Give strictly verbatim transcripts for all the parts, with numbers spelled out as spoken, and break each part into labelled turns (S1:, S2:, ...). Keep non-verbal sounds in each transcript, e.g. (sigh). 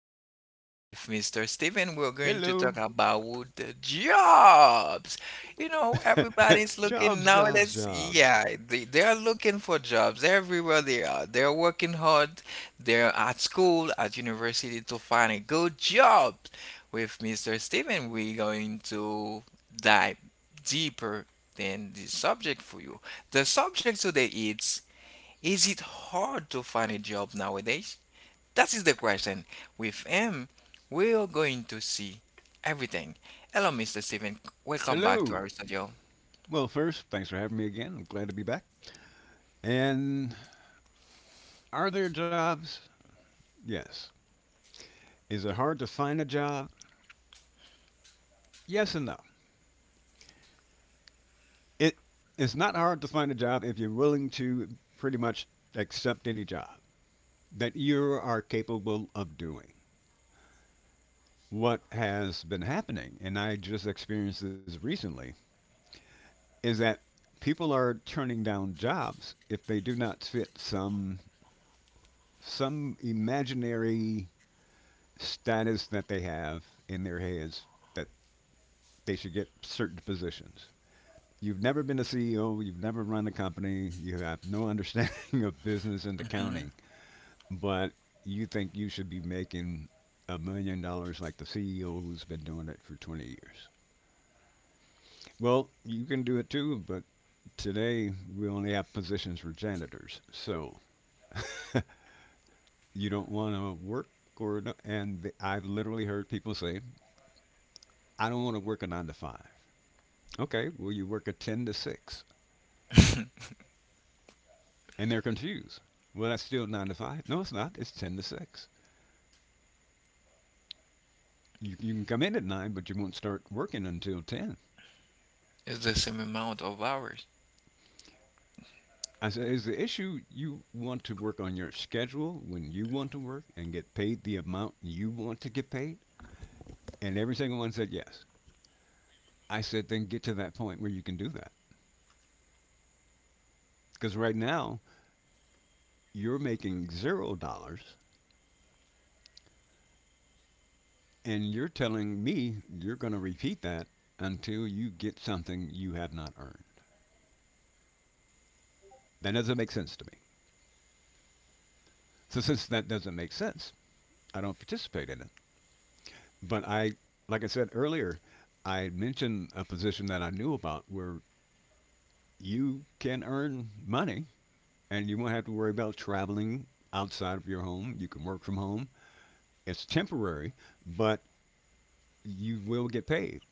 S1: Steven. With mister Steven, we're going to
S2: Hello.
S1: talk about the jobs. You know, everybody's looking
S2: Jobs, jobs,
S1: nowadays.
S2: jobs.
S1: Yeah, they, they are looking for jobs everywhere they are. They're working hard. They're at school, at university to find a good job. With mister Steven, we're going to dive deeper than this subject for you. The subject today is Is it hard to find a job nowadays? That is the question. With him, we're going to see everything. Hello, mister Steven. Welcome back to
S2: Hello.
S1: our studio.
S2: Well, first, thanks for having me again. I'm glad to be back. And are there jobs? Yes. Is it hard to find a job? Yes and no. It's not hard to find a job if you're willing to pretty much accept any job that you are capable of doing. What has been happening, and I just experienced this recently, is that people are turning down jobs if they do not fit some some imaginary status that they have in their heads that they should get certain positions. You've never been a C E O, you've never run a company, you have no (laughs) understanding of business and accounting, but you think you should be making a million dollars like the C E O who's been doing it for twenty years. Well, you can do it too, but today we only have positions for janitors. So you don't want to work or no, and I've literally heard people say I don't want to work a nine to five. Okay, well, you work a ten to six. And they're confused. Well, that's still nine to five. No, it's not. It's ten to six. You, you can come in at nine, but you won't start working until ten.
S1: It's the same amount of hours.
S2: I said, is the issue you want to work on your schedule when you want to work and get paid the amount you want to get paid? And every single one said yes. I said, then get to that point where you can do that. Because right now, you're making zero dollars. And you're telling me you're going to repeat that until you get something you have not earned. That doesn't make sense to me. So since that doesn't make sense, I don't participate in it. But I, like I said earlier, I mentioned a position that I knew about where you can earn money and you won't have to worry about traveling outside of your home. You can work from home. It's temporary, but you will get paid.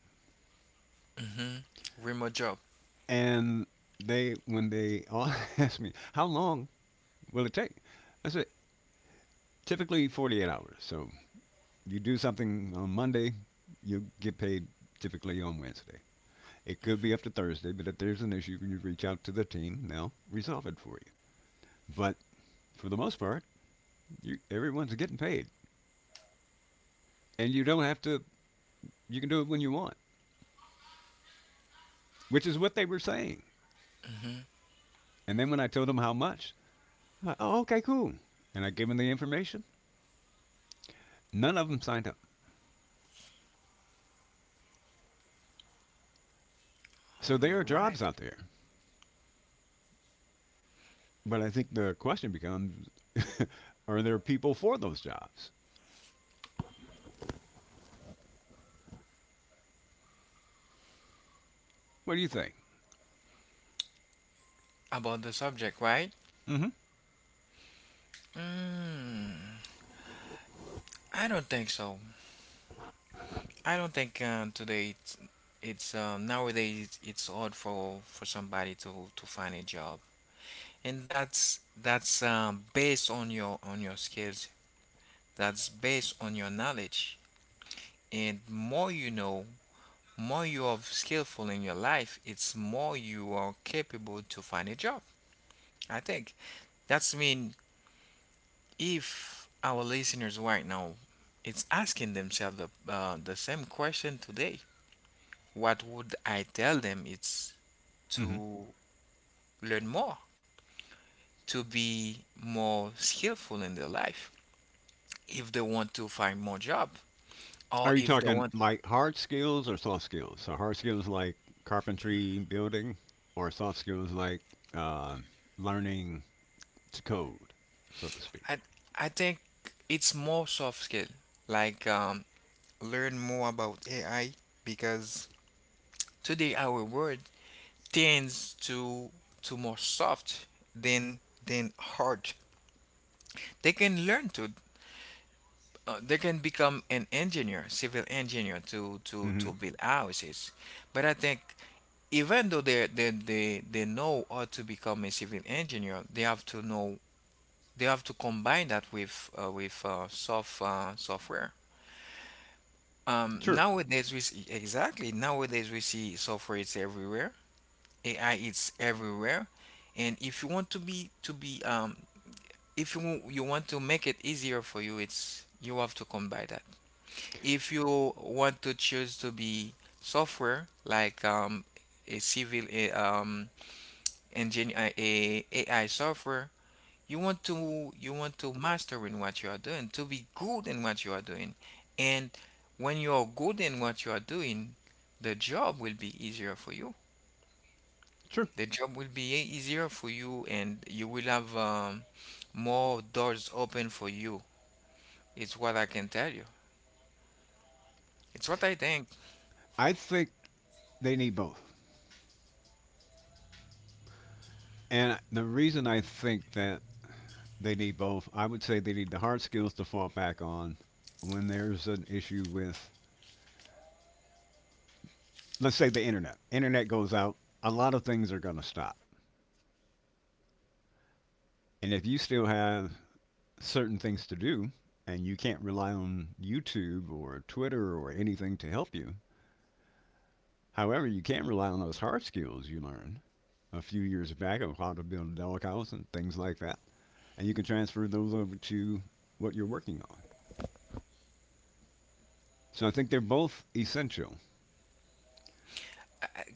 S1: Mm-hmm. Remote job.
S2: And they, when they all (laughs) asked me, how long will it take? I said, typically forty-eight hours. So you do something on Monday, you get paid typically on Wednesday. It could be up to Thursday, but if there's an issue, you reach out to the team. and they'll resolve it for you. But for the most part, you, everyone's getting paid, and you don't have to. You can do it when you want, which is what they were saying. And then when I told them how much, they're like, oh, okay, cool. And I gave them the information. None of them signed up. So
S1: All
S2: there are jobs
S1: right.
S2: out there, but I think the question becomes, (laughs) are there people for those jobs? What do you think?
S1: About the subject, right?
S2: Mm-hmm.
S1: Mm, I don't think so. I don't think uh, today it's, it's uh, nowadays it's, it's hard for for somebody to to find a job, and that's that's um, based on your on your skills. That's based on your knowledge, and more you know, more you are skillful in your life. It's more you are capable to find a job, I think. That's mean, if our listeners right now, it's asking themselves the, uh, the same question today, what would I tell them? It's
S2: Mm-hmm.
S1: to learn more, to be more skillful in their life, if they want to find more job, or
S2: Are you
S1: if they
S2: talking
S1: want.
S2: like hard skills or soft skills? So hard skills like carpentry, building, or soft skills like uh, learning to code, so to speak.
S1: I I think it's more soft skill, like um learn more about A I, because today our world tends to to more soft than than hard. They can learn to, uh, they can become an engineer, civil engineer, to to
S2: Hmm.
S1: to build houses. But I think, even though they they they, they know how to become a civil engineer, they have to know. They have to combine that with uh, with uh, soft uh, software. Um,
S2: True,
S1: nowadays we see, exactly nowadays we see software is everywhere. A I is everywhere, and if you want to be to be um, if you you want to make it easier for you, it's, you have to combine that. If you want to choose to be software, like um, a civil, a, um, engine a, a AI software. You want to, you want to master in what you are doing, to be good in what you are doing. And when you are good in what you are doing, the job will be easier for you.
S2: true.
S1: The job will be e- easier for you, and you will have, um, more doors open for you. It's what I can tell you. It's what I think.
S2: I think they need both, and the reason I think that they need both, I would say they need the hard skills to fall back on when there's an issue with, let's say, the internet. Internet goes out, a lot of things are going to stop, and if you still have certain things to do, and you can't rely on YouTube or Twitter or anything to help you. However, you can rely on those hard skills you learn a few years back of how to build a dog house and things like that, and you can transfer those over to what you're working on. So I think they're both essential.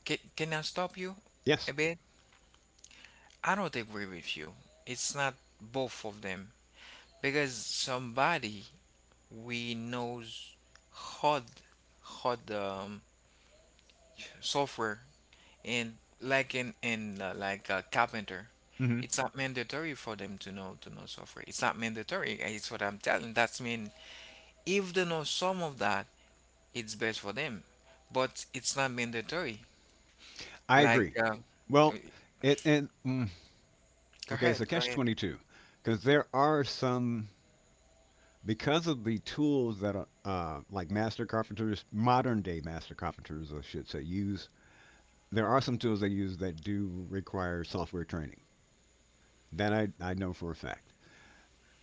S1: Can, can I stop you
S2: Yes,
S1: a bit? I don't agree with you. It's not both of them, because somebody we knows hard, hard um, software, and like in in uh, like a carpenter.
S2: hmm.
S1: It's not mandatory for them to know, to know software. It's not mandatory. It's what I'm telling. That's mean, if they know some of that, it's best for them, but it's not mandatory.
S2: I
S1: Like,
S2: agree.
S1: uh, uh,
S2: Well, it and mm,
S1: go
S2: okay, so
S1: ahead, go
S2: catch
S1: ahead.
S2: twenty two, because there are some because of the tools that uh, uh, like master carpenters, modern day master carpenters, I should say, use. There are some tools they use that do require software training. That I, I know for a fact.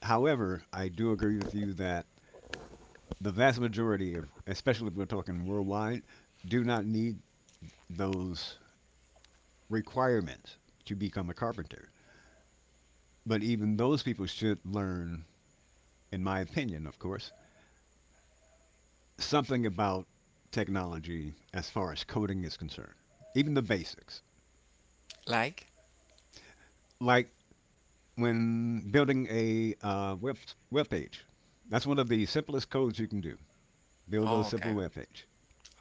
S2: However, I do agree with you that the vast majority of, especially if we're talking worldwide, do not need those requirements to become a carpenter. But even those people should learn, in my opinion, of course, something about technology as far as coding is concerned, even the basics.
S1: Like,
S2: Like when building a uh, web web page, that's one of the simplest codes you can do. Build a
S1: oh, okay,
S2: simple web page,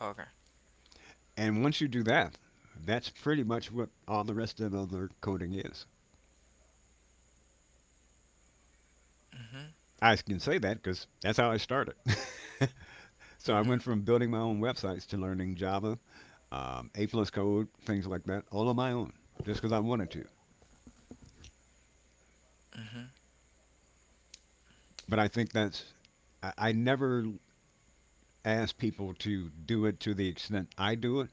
S1: okay.
S2: and once you do that, that's pretty much what all the rest of the other coding is.
S1: Mm-hmm,
S2: I can say that because that's how I started. (laughs) So I
S1: mm-hmm.
S2: went from building my own websites to learning Java, um, A plus code, things like that, all on my own, just because I wanted to. But I think that's I, I never ask people to do it to the extent I do it,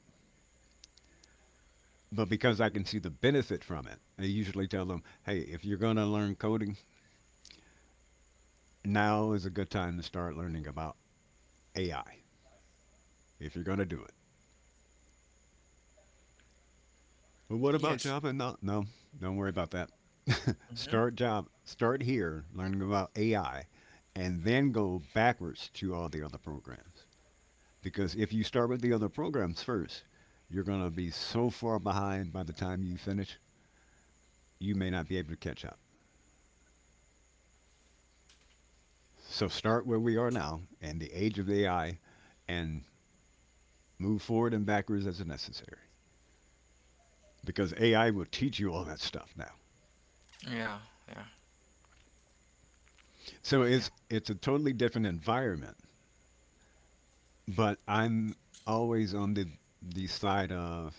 S2: but because I can see the benefit from it, I usually tell them, hey, if you're going to learn coding, now is a good time to start learning about A I, if you're going to do it. Well, what about
S1: Yes.
S2: Java? No, no, don't worry about that. (laughs)
S1: Mm-hmm.
S2: Start Java, start here learning about A I, and then go backwards to all the other programs. Because if you start with the other programs first, you're going to be so far behind by the time you finish, you may not be able to catch up. So start where we are now and the age of A I and move forward and backwards as necessary because A I will teach you all that stuff now.
S1: Yeah, yeah,
S2: So
S1: yeah.
S2: it's it's a totally different environment, but I'm always on the the side of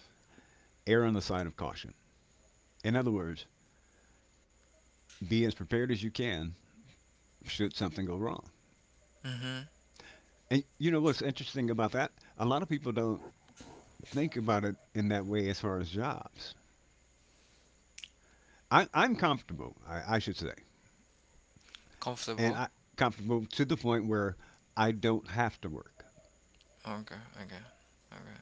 S2: err on the side of caution. In other words, be as prepared as you can should something go wrong.
S1: Mm-hmm.
S2: And you know what's interesting about that? A lot of people don't think about it in that way as far as jobs. I, I'm comfortable, I, I should say. And
S1: Comfortable.
S2: I Comfortable to the point where I don't have to work.
S1: Okay, okay, okay.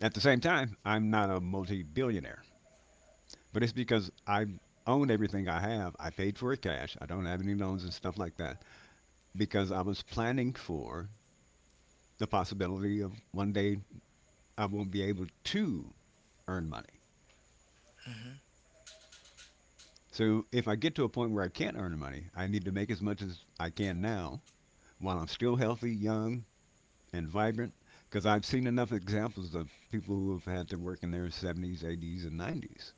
S2: At the same time, I'm not a multi-billionaire, but it's because I own everything I have. I paid for it cash. I don't have any loans and stuff like that because I was planning for the possibility of one day I won't be able to earn money. So if I get to a point where I can't earn money, I need to make as much as I can now while I'm still healthy, young, and vibrant because I've seen enough examples of people who have had to work in their seventies, eighties, and nineties.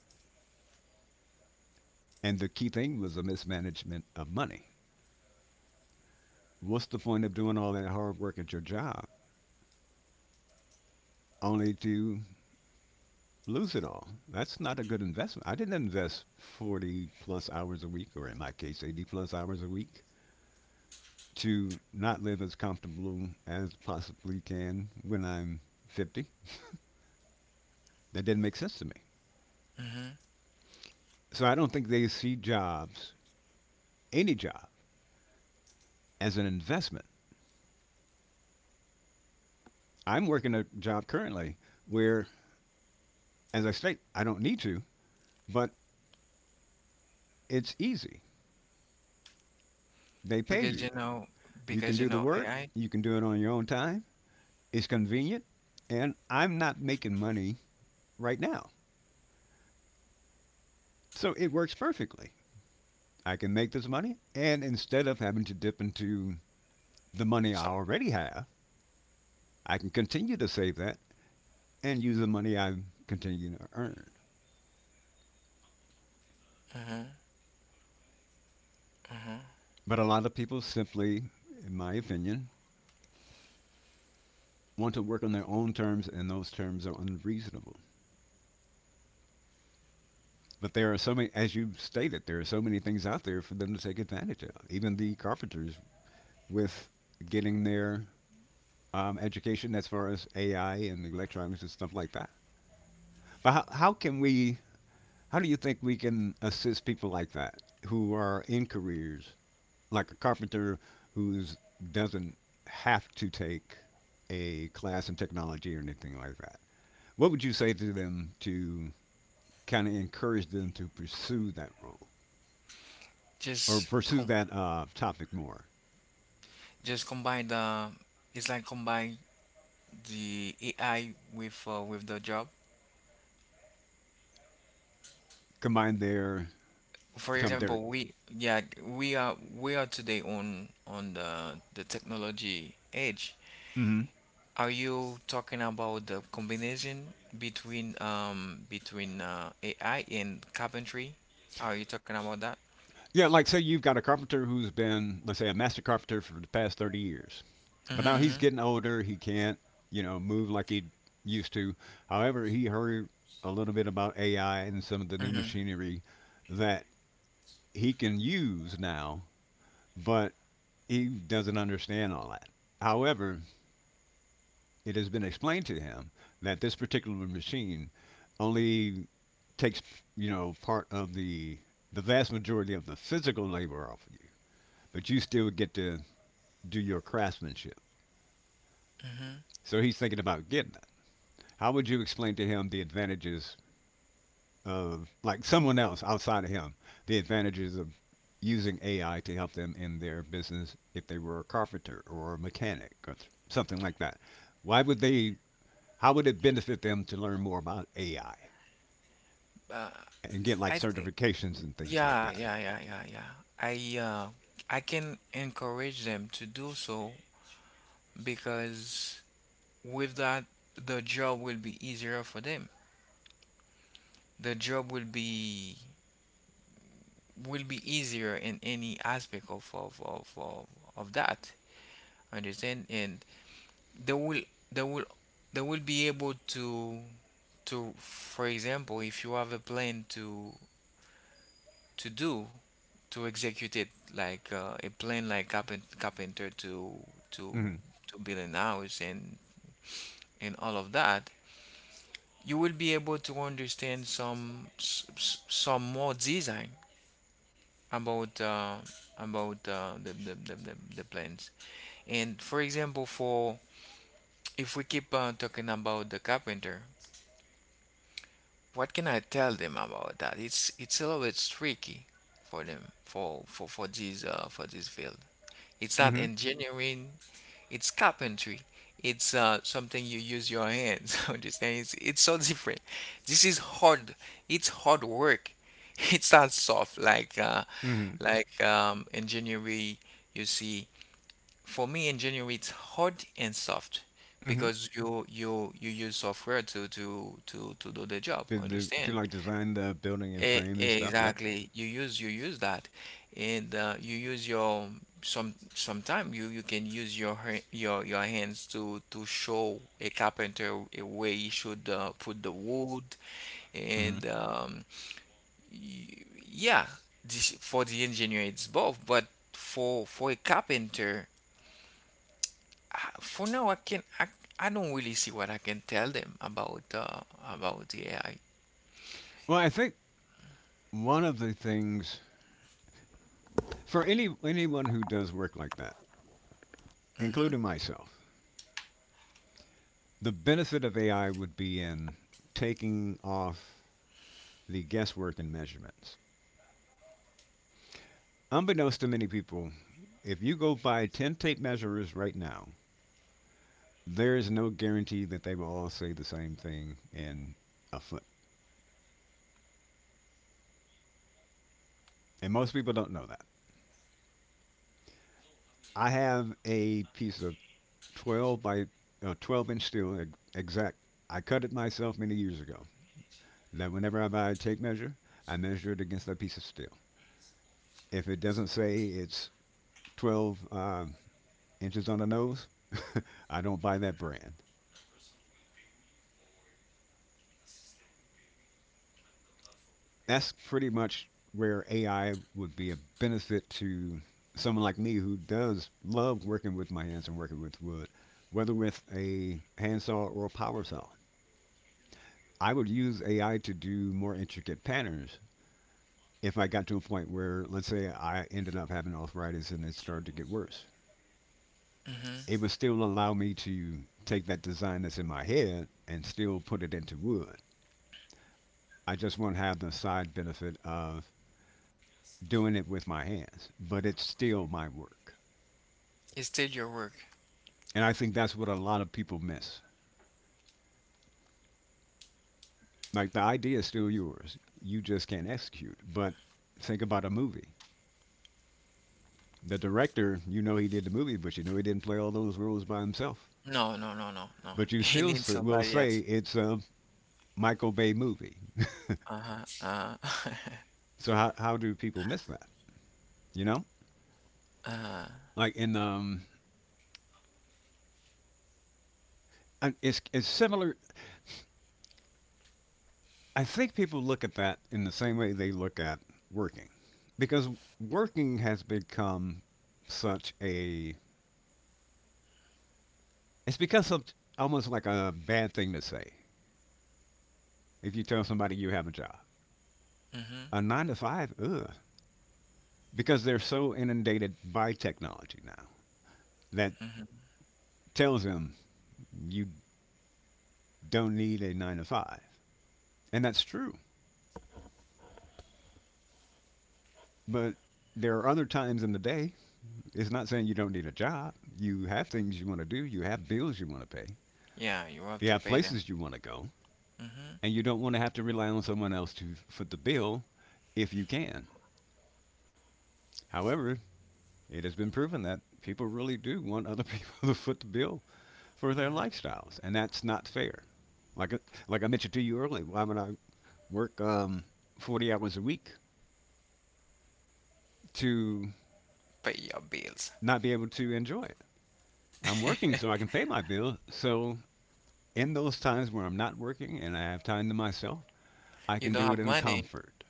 S2: And the key thing was the mismanagement of money. What's the point of doing all that hard work at your job only to lose it all? That's not a good investment. I didn't invest forty plus hours a week, or in my case, eighty plus hours a week, to not live as comfortable as possibly can when I'm fifty. That didn't make sense to me.
S1: Mm-hmm.
S2: So I don't think they see jobs, any job, as an investment. I'm working a job currently where, as I state, I don't need to, but it's easy. They pay
S1: because you
S2: you.
S1: know
S2: You can
S1: because you
S2: do the
S1: know
S2: work,
S1: A I.
S2: you can do it on your own time, it's convenient, and I'm not making money right now. So it works perfectly. I can make this money, and instead of having to dip into the money I
S1: So,
S2: already have, I can continue to save that and use the money I continue to earn.
S1: mhm.
S2: But a lot of people simply, in my opinion, want to work on their own terms, and those terms are unreasonable. But there are so many, as you stated, there are so many things out there for them to take advantage of. Even the carpenters with getting their um, education as far as A I and electronics and stuff like that. But how, how can we? How do you think we can assist people like that who are in careers like a carpenter who doesn't have to take a class in technology or anything like that? What would you say to them to kind of encourage them to pursue that role? Or
S1: Just
S2: pursue
S1: com
S2: that uh, topic more.
S1: just combine the, it's like combine the A I with uh, with the job.
S2: Combine their, you're
S1: For
S2: talking about their,
S1: example, we, yeah, we are, we are today on on the the technology age.
S2: hmm.
S1: Are you talking about the combination between, um between uh, A I and carpentry? Are you talking about that?
S2: Yeah, like say you've got a carpenter who's been, let's say, a master carpenter for the past thirty years, but now he's
S1: Mm-hmm,
S2: getting older. He can't, you know, move like he used to. However, he heard a little bit about A I and some of the new
S1: mm-hmm,
S2: machinery that he can use now, but he doesn't understand all that. However, it has been explained to him that this particular machine only takes you know part of the the vast majority of the physical labor off of you, but you still get to do your craftsmanship.
S1: mm-hmm.
S2: So he's thinking about getting it. How would you explain to him the advantages of like someone else outside of him, the advantages of using A I to help them in their business if they were a carpenter or a mechanic or th- something like that? Why would they? How would it benefit them to learn more about A I and get like
S1: I think.
S2: certifications and things like
S1: Yeah,
S2: that in
S1: yeah,
S2: it?
S1: yeah, yeah, yeah. I uh, I can encourage them to do so, because with that, the job will be easier for them. The job will be will be easier in any aspect of of of of, of that. Understand? And they will they will they will be able to, to for example, if you have a plan to to do to execute it, like uh, a plan, like carpen- carpenter, to to
S2: Mm-hmm.
S1: to build an house, and and all of that. You will be able to understand some, s- s- some more design about uh, about uh, the, the, the, the, the plans. And for example, for if we keep, uh, talking about the carpenter, what can I tell them about that? It's, it's a little bit tricky for them, for for, for this uh, for this field. It's not
S2: Mm-hmm.
S1: engineering, it's carpentry. It's, uh, something you use your hands. (laughs) Understand? It's, it's so different. This is hard. It's hard work. (laughs) It's not soft, like uh,
S2: Mm-hmm.
S1: like um, engineering. You see, for me, engineering, it's hard and soft,
S2: Mm-hmm.
S1: because you you you use software to to to to do the job.
S2: Did, the, did you
S1: Understand?
S2: like design the building and
S1: E-
S2: frame and stuff? Yeah.
S1: Exactly. You use you use that, and uh, you use your, some sometime, you you can use your, ha- your your hands to to show a carpenter a way he should, uh, put the wood,
S2: Hmm.
S1: and um, y- yeah. This, for the engineer, it's both, but for for a carpenter, I- for now I can I, I don't really see what I can tell them about uh, about the A I.
S2: Well, I think one of the things for any anyone who does work like that, including myself, the benefit of A I would be in taking off the guesswork and measurements. Unbeknownst to many people, if you go buy ten tape measures right now, there is no guarantee that they will all say the same thing in a foot. And most people don't know that. I have a piece of twelve by uh, twelve inch steel, e- exact. I cut it myself many years ago. Then, whenever I buy a tape measure, I measure it against that piece of steel. If it doesn't say it's twelve um, inches on the nose, (laughs) I don't buy that brand. That's pretty much where A I would be a benefit to someone like me who does love working with my hands and working with wood, whether with a handsaw or a power saw. I would use A I to do more intricate patterns if I got to a point where, let's say, I ended up having arthritis and it started to get worse,
S1: Hmm.
S2: it would still allow me to take that design that's in my head and still put it into wood. I just won't have the side benefit of doing it with my hands, but it's still my work.
S1: It's still your work.
S2: And I think that's what a lot of people miss. Like the idea is still yours, you just can't execute. But think about a movie. The director, you know he did the movie, but you know he didn't play all those roles by himself.
S1: No, no, no, no, no.
S2: But
S1: (laughs)
S2: you
S1: He
S2: still
S1: needs
S2: say, will
S1: somebody
S2: say
S1: else.
S2: it's a Michael Bay movie.
S1: Uh-huh. Uh, (laughs)
S2: So how how do people miss that? You know, like in um, it's it's similar. I think people look at that in the same way they look at working, because working has become such a it's become some, almost like a bad thing to say if you tell somebody you have a job.
S1: mm-hmm.
S2: A nine to five, ugh, because they're so inundated by technology now that tells them you don't need a nine to five, and that's true. But there are other times in the day. It's not saying you don't need a job. You have things you want to do, you have bills you want to pay,
S1: Yeah, you have
S2: you
S1: to
S2: have
S1: pay them.
S2: places you want to go,
S1: Mm-hmm.
S2: and you don't want to have to rely on someone else to foot the bill if you can. However, it has been proven that people really do want other people (laughs) to foot the bill for their lifestyles, and that's not fair. Like uh, like I mentioned to you earlier, why would I work um, forty hours a week to
S1: Pay your bills.
S2: not be able to enjoy it? I'm working so I can pay my bill, so in those times where I'm not working and I have time to myself, I
S1: You
S2: can
S1: don't
S2: do it
S1: have
S2: in
S1: money.
S2: comfort.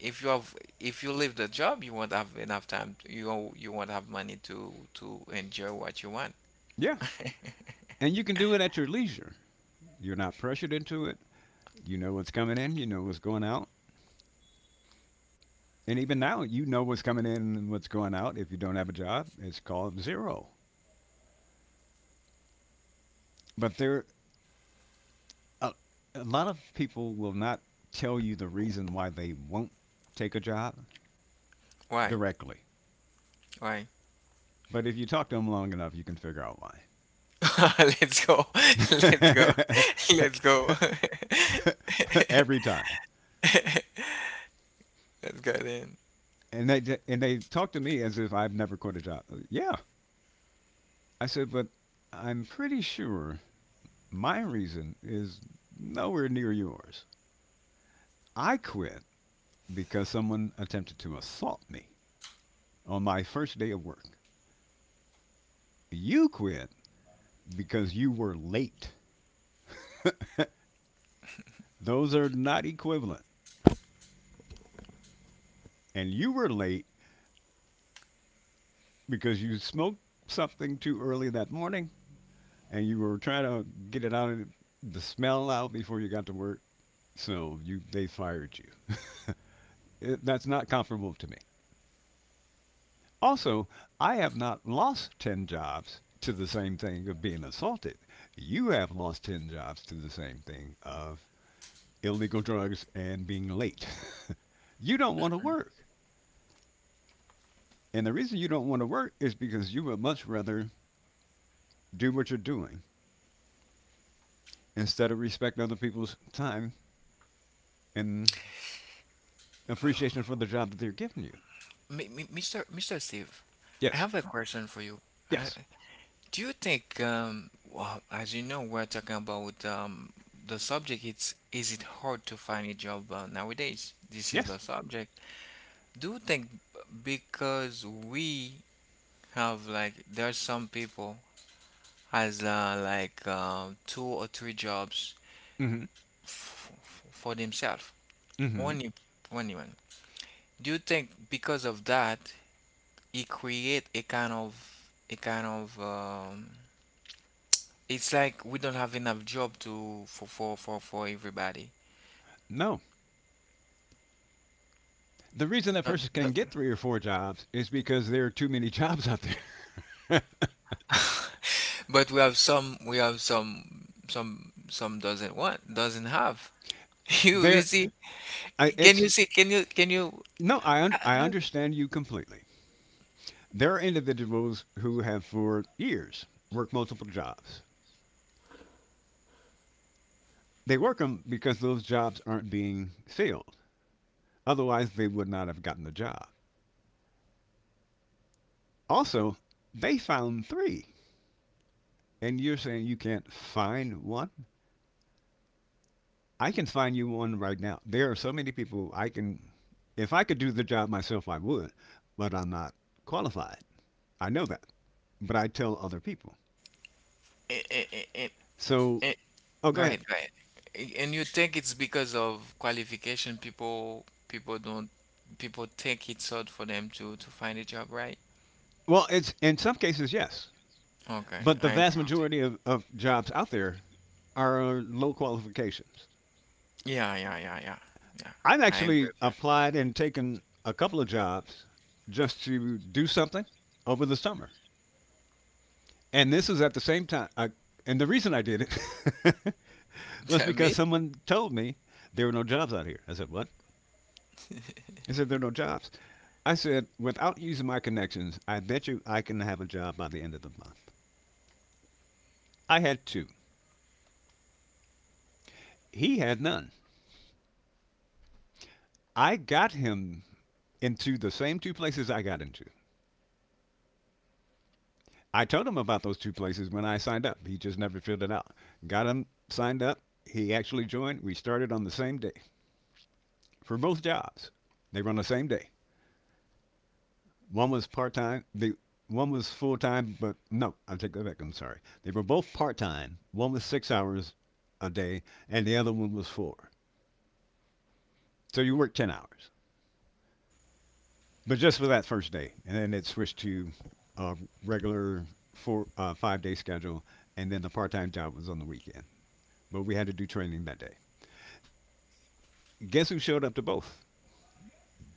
S1: If you have, if you leave the job, you won't have enough time. To, you won't- You won't have money to to enjoy what you want.
S2: Yeah, and you can do it at your leisure. You're not pressured into it. You know what's coming in, you know what's going out. And even now, you know what's coming in and what's going out. If you don't have a job, it's called zero. But there, a, a lot of people will not tell you the reason why they won't take a job
S1: Why?
S2: directly.
S1: Why?
S2: But if you talk to them long enough, you can figure out why.
S1: (laughs) Let's go. (laughs) Let's go. (laughs) Let's go.
S2: (laughs) Every time.
S1: (laughs) Let's go then.
S2: and they and they talk to me as if I've never quit a job. Yeah, I said, but I'm pretty sure my reason is nowhere near yours. I quit because someone attempted to assault me on my first day of work. You quit because you were late. (laughs) Those are not equivalent. And you were late because you smoked something too early that morning and you were trying to get it out of the smell out before you got to work. So you they fired you. Uh, That's not comparable to me. Also, I have not lost ten jobs to the same thing of being assaulted. You have lost ten jobs to the same thing of illegal drugs and being late. (laughs) You don't want to work. And the reason you don't want to work is because you would much rather do what you're doing instead of respect other people's time and appreciation for the job that they're giving you.
S1: Mi- mi- mister mister Steve, I
S2: Yes,
S1: have a question for you. I,
S2: yes,
S1: Do you think, um, well, as you know, we're talking about, um, the subject. It's, is it hard to find a job, uh, nowadays? This is the
S2: yes.
S1: subject. Do you think, because we have, like, there's some people has, uh, like, uh, two or three jobs,
S2: Mm
S1: f f- for themselves,
S2: hmm. Mm hmm.
S1: only only one. Do you think, because of that, it create a kind of, a kind of um, it's like we don't have enough job to, for for for, for everybody?
S2: No, the reason that
S1: Not-
S2: person can
S1: not-
S2: get three or four jobs is because there are too many (laughs) jobs out there.
S1: But we have some, we have some some, some doesn't want, doesn't have. (laughs)
S2: (laughs)
S1: You you
S2: there,
S1: see?
S2: I,
S1: Can you
S2: it's
S1: see? Can you can you?
S2: No, I un- I understand you completely. There are individuals who have for years worked multiple jobs. They work them because those jobs aren't being filled. Otherwise, they would not have gotten the job. Also, they found three, and you're saying you can't find one. I can find you one right now. There are so many people I can. If I could do the job myself, I would, but I'm not qualified. I know that, but I tell other people.
S1: eh, eh, eh, eh,
S2: So,
S1: eh,
S2: oh, go
S1: Go
S2: ahead.
S1: ahead, go ahead. Eh, And you think it's because of qualification? People people don't people think it's hard for them to to find a job, right?
S2: Well, it's in some cases yes,
S1: Okay,
S2: but the
S1: I.
S2: vast majority of, of jobs out there are uh, low qualifications.
S1: Yeah, yeah, yeah, yeah, yeah.
S2: I've
S1: I agree
S2: actually
S1: with you.
S2: applied and taken a couple of jobs just to do something over the summer, and this is at the same time. I, and the reason I did it
S1: (laughs)
S2: (laughs) was
S1: Tell
S2: because
S1: me.
S2: someone told me there were no jobs out here. I said, what? He said, there are no jobs. I said, without using my connections, I bet you I can have a job by the end of the month. I had two. He had none. I got him into the same two places I got into. I told him about those two places when I signed up. He just never filled it out. Got him signed up. He actually joined. We started on the same day for both jobs. They were on the same day. One was part time. The one was full time, but no, I take that back. I'm sorry. They were both part time. One was six hours a day, and the other one was four. So you worked ten hours, but just for that first day, and then it switched to a regular four uh, five day schedule, and then the part time job was on the weekend. But we had to do training that day. Guess who showed up to both?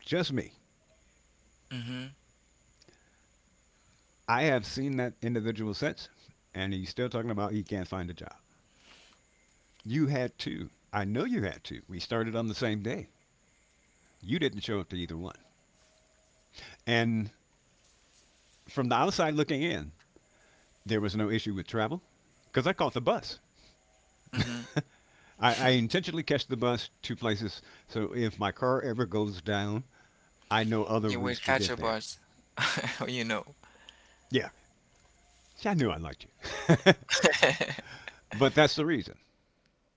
S2: Just me.
S1: Mm-hmm.
S2: I have seen that individual since, and he's still talking about he can't find a job. You had two. I know you had two. We started on the same day. You didn't show up to either one. And from the outside looking in, there was no issue with travel because I caught the bus. (laughs)
S1: Mm-hmm.
S2: I, I intentionally catch the bus two places, so if my car ever goes down, I know other
S1: You will
S2: routes to
S1: catch
S2: get
S1: a
S2: there.
S1: bus, (laughs) you know.
S2: Yeah, see, I knew I liked you. (laughs) But that's the reason.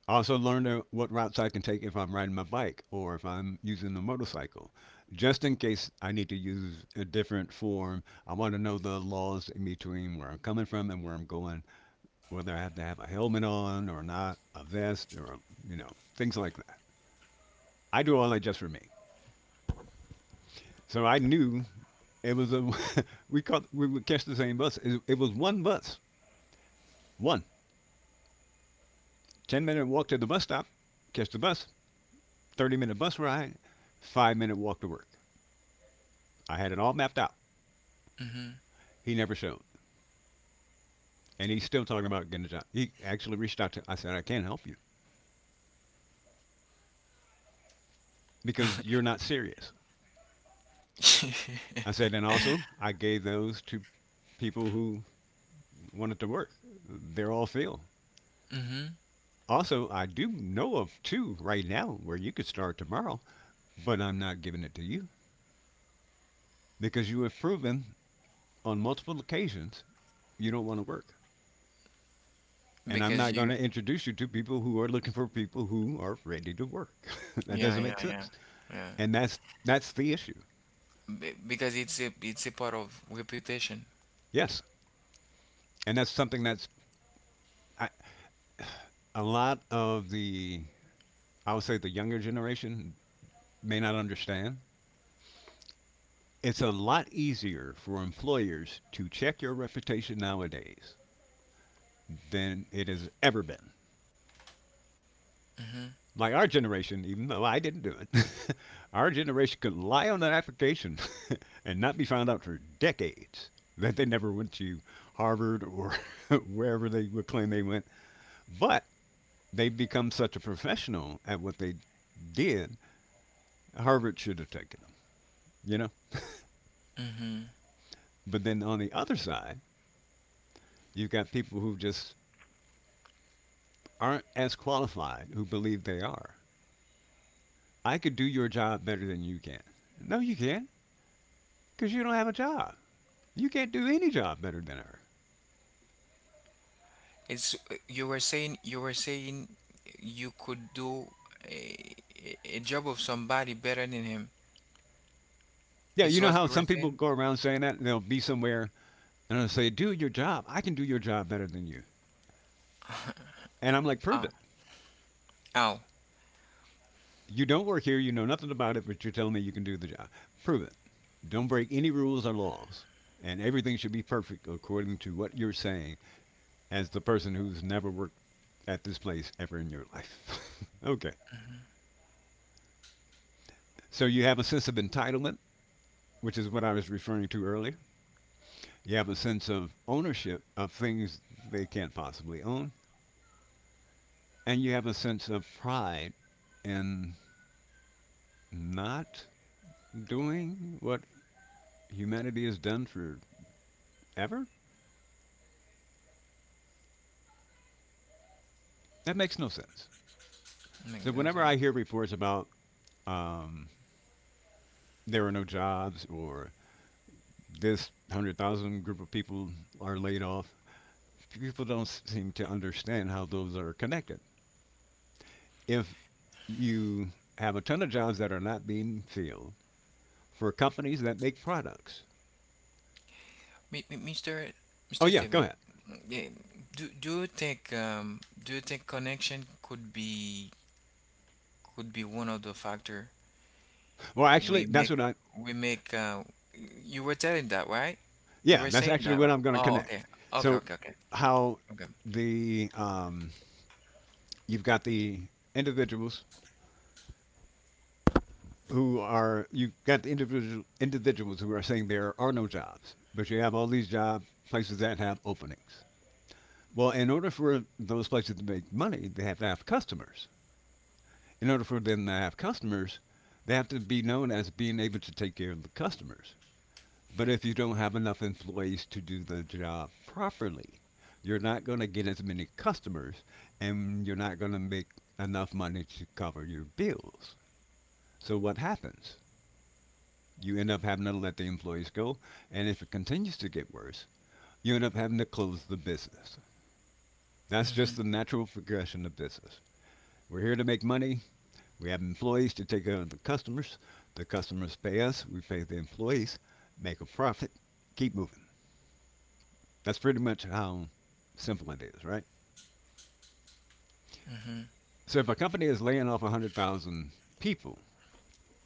S2: I also learned uh, what routes I can take if I'm riding my bike or if I'm using a motorcycle. Just in case I need to use a different form, I want to know the laws in between where I'm coming from and where I'm going, whether I have to have a helmet on or not, a vest or, you know, things like that. I do all that just for me. So I knew it was a, (laughs) we caught, we would catch the same bus. It, it was one bus, one. ten minute walk to the bus stop, catch the bus, thirty minute bus ride, five minute walk to work. I had it all mapped out. He never showed. And he's still talking about getting a job. He actually reached out to, I said, I can't help you because you're not serious.
S1: (laughs)
S2: I said, and also I gave those to people who wanted to work. They're all filled.
S1: Hmm.
S2: Also, I do know of two right now where you could start tomorrow, but I'm not giving it to you because you have proven on multiple occasions you don't want to work. And I'm
S1: Because
S2: not going
S1: you,
S2: to introduce you to people who are looking for people who are ready to work. (laughs) That
S1: yeah,
S2: doesn't
S1: yeah,
S2: make
S1: yeah,
S2: sense.
S1: yeah.
S2: And that's that's the issue.
S1: Be Because it's a it's a part of reputation.
S2: Yes. And that's something that's I, a lot of the, I would say the younger generation may not understand. It's a lot easier for employers to check your reputation nowadays than it has ever been. Like our generation, even though I didn't do it, (laughs) our generation could lie on an application (laughs) and not be found out for decades that they never went to Harvard or (laughs) wherever they would claim they went. But they've become such a professional at what they did, Harvard should have taken them. You know, But then on the other side, you've got people who just aren't as qualified who believe they are. I could do your job better than you can. No, you can't, because you don't have a job. You can't do any job better than her.
S1: It's, you were saying, you were saying you could do a, a job of somebody better than him.
S2: Yeah, you
S1: It's
S2: know
S1: what
S2: how
S1: you were
S2: some people
S1: saying.
S2: go around saying that, and they'll be somewhere and they'll say, "Do your job. I can do your job better than you." And I'm like, "Prove
S1: Ah,
S2: it.
S1: ow.
S2: You don't work here. You know nothing about it, but you're telling me you can do the job. Prove it. Don't break any rules or laws." And everything should be perfect according to what you're saying as the person who's never worked at this place ever in your life. (laughs) Okay. So you have a sense of entitlement, which is what I was referring to earlier. You have a sense of ownership of things they can't possibly own. And you have a sense of pride in not doing what humanity has done forever. That makes no sense.
S1: Make
S2: So
S1: no
S2: whenever
S1: sense.
S2: I hear reports about um, there are no jobs, or this one hundred thousand group of people are laid off, people don't seem to understand how those are connected. If you have a ton of jobs that are not being filled for companies that make products.
S1: Mi- mi- mister
S2: Oh
S1: mister
S2: yeah, go
S1: Steven,
S2: ahead.
S1: eh, do do you think, um do you think connection could be, could be one of the factor?
S2: Well, actually,
S1: We
S2: that's
S1: make
S2: what I.
S1: we make uh you were telling that, right? You
S2: Yeah,
S1: were
S2: that's
S1: saying
S2: actually
S1: that,
S2: what
S1: right?
S2: I'm going to
S1: Oh,
S2: connect.
S1: okay. Okay,
S2: So,
S1: okay, okay.
S2: how
S1: Okay.
S2: the um, you've got the individuals who are you've got the individual individuals who are saying there are no jobs, but you have all these job places that have openings. Well, in order for those places to make money, they have to have customers. In order for them to have customers, they have to be known as being able to take care of the customers. But if you don't have enough employees to do the job properly, you're not going to get as many customers and you're not going to make enough money to cover your bills. So what happens? You end up having to let the employees go, and if it continues to get worse, you end up having to close the business. That's just
S1: Mm-hmm,
S2: the natural progression of business. We're here to make money. We have employees to take care of the customers. The customers pay us. We pay the employees. Make a profit. Keep moving. That's pretty much how simple it is, right?
S1: mm-hmm.
S2: So if a company is laying off one hundred thousand people,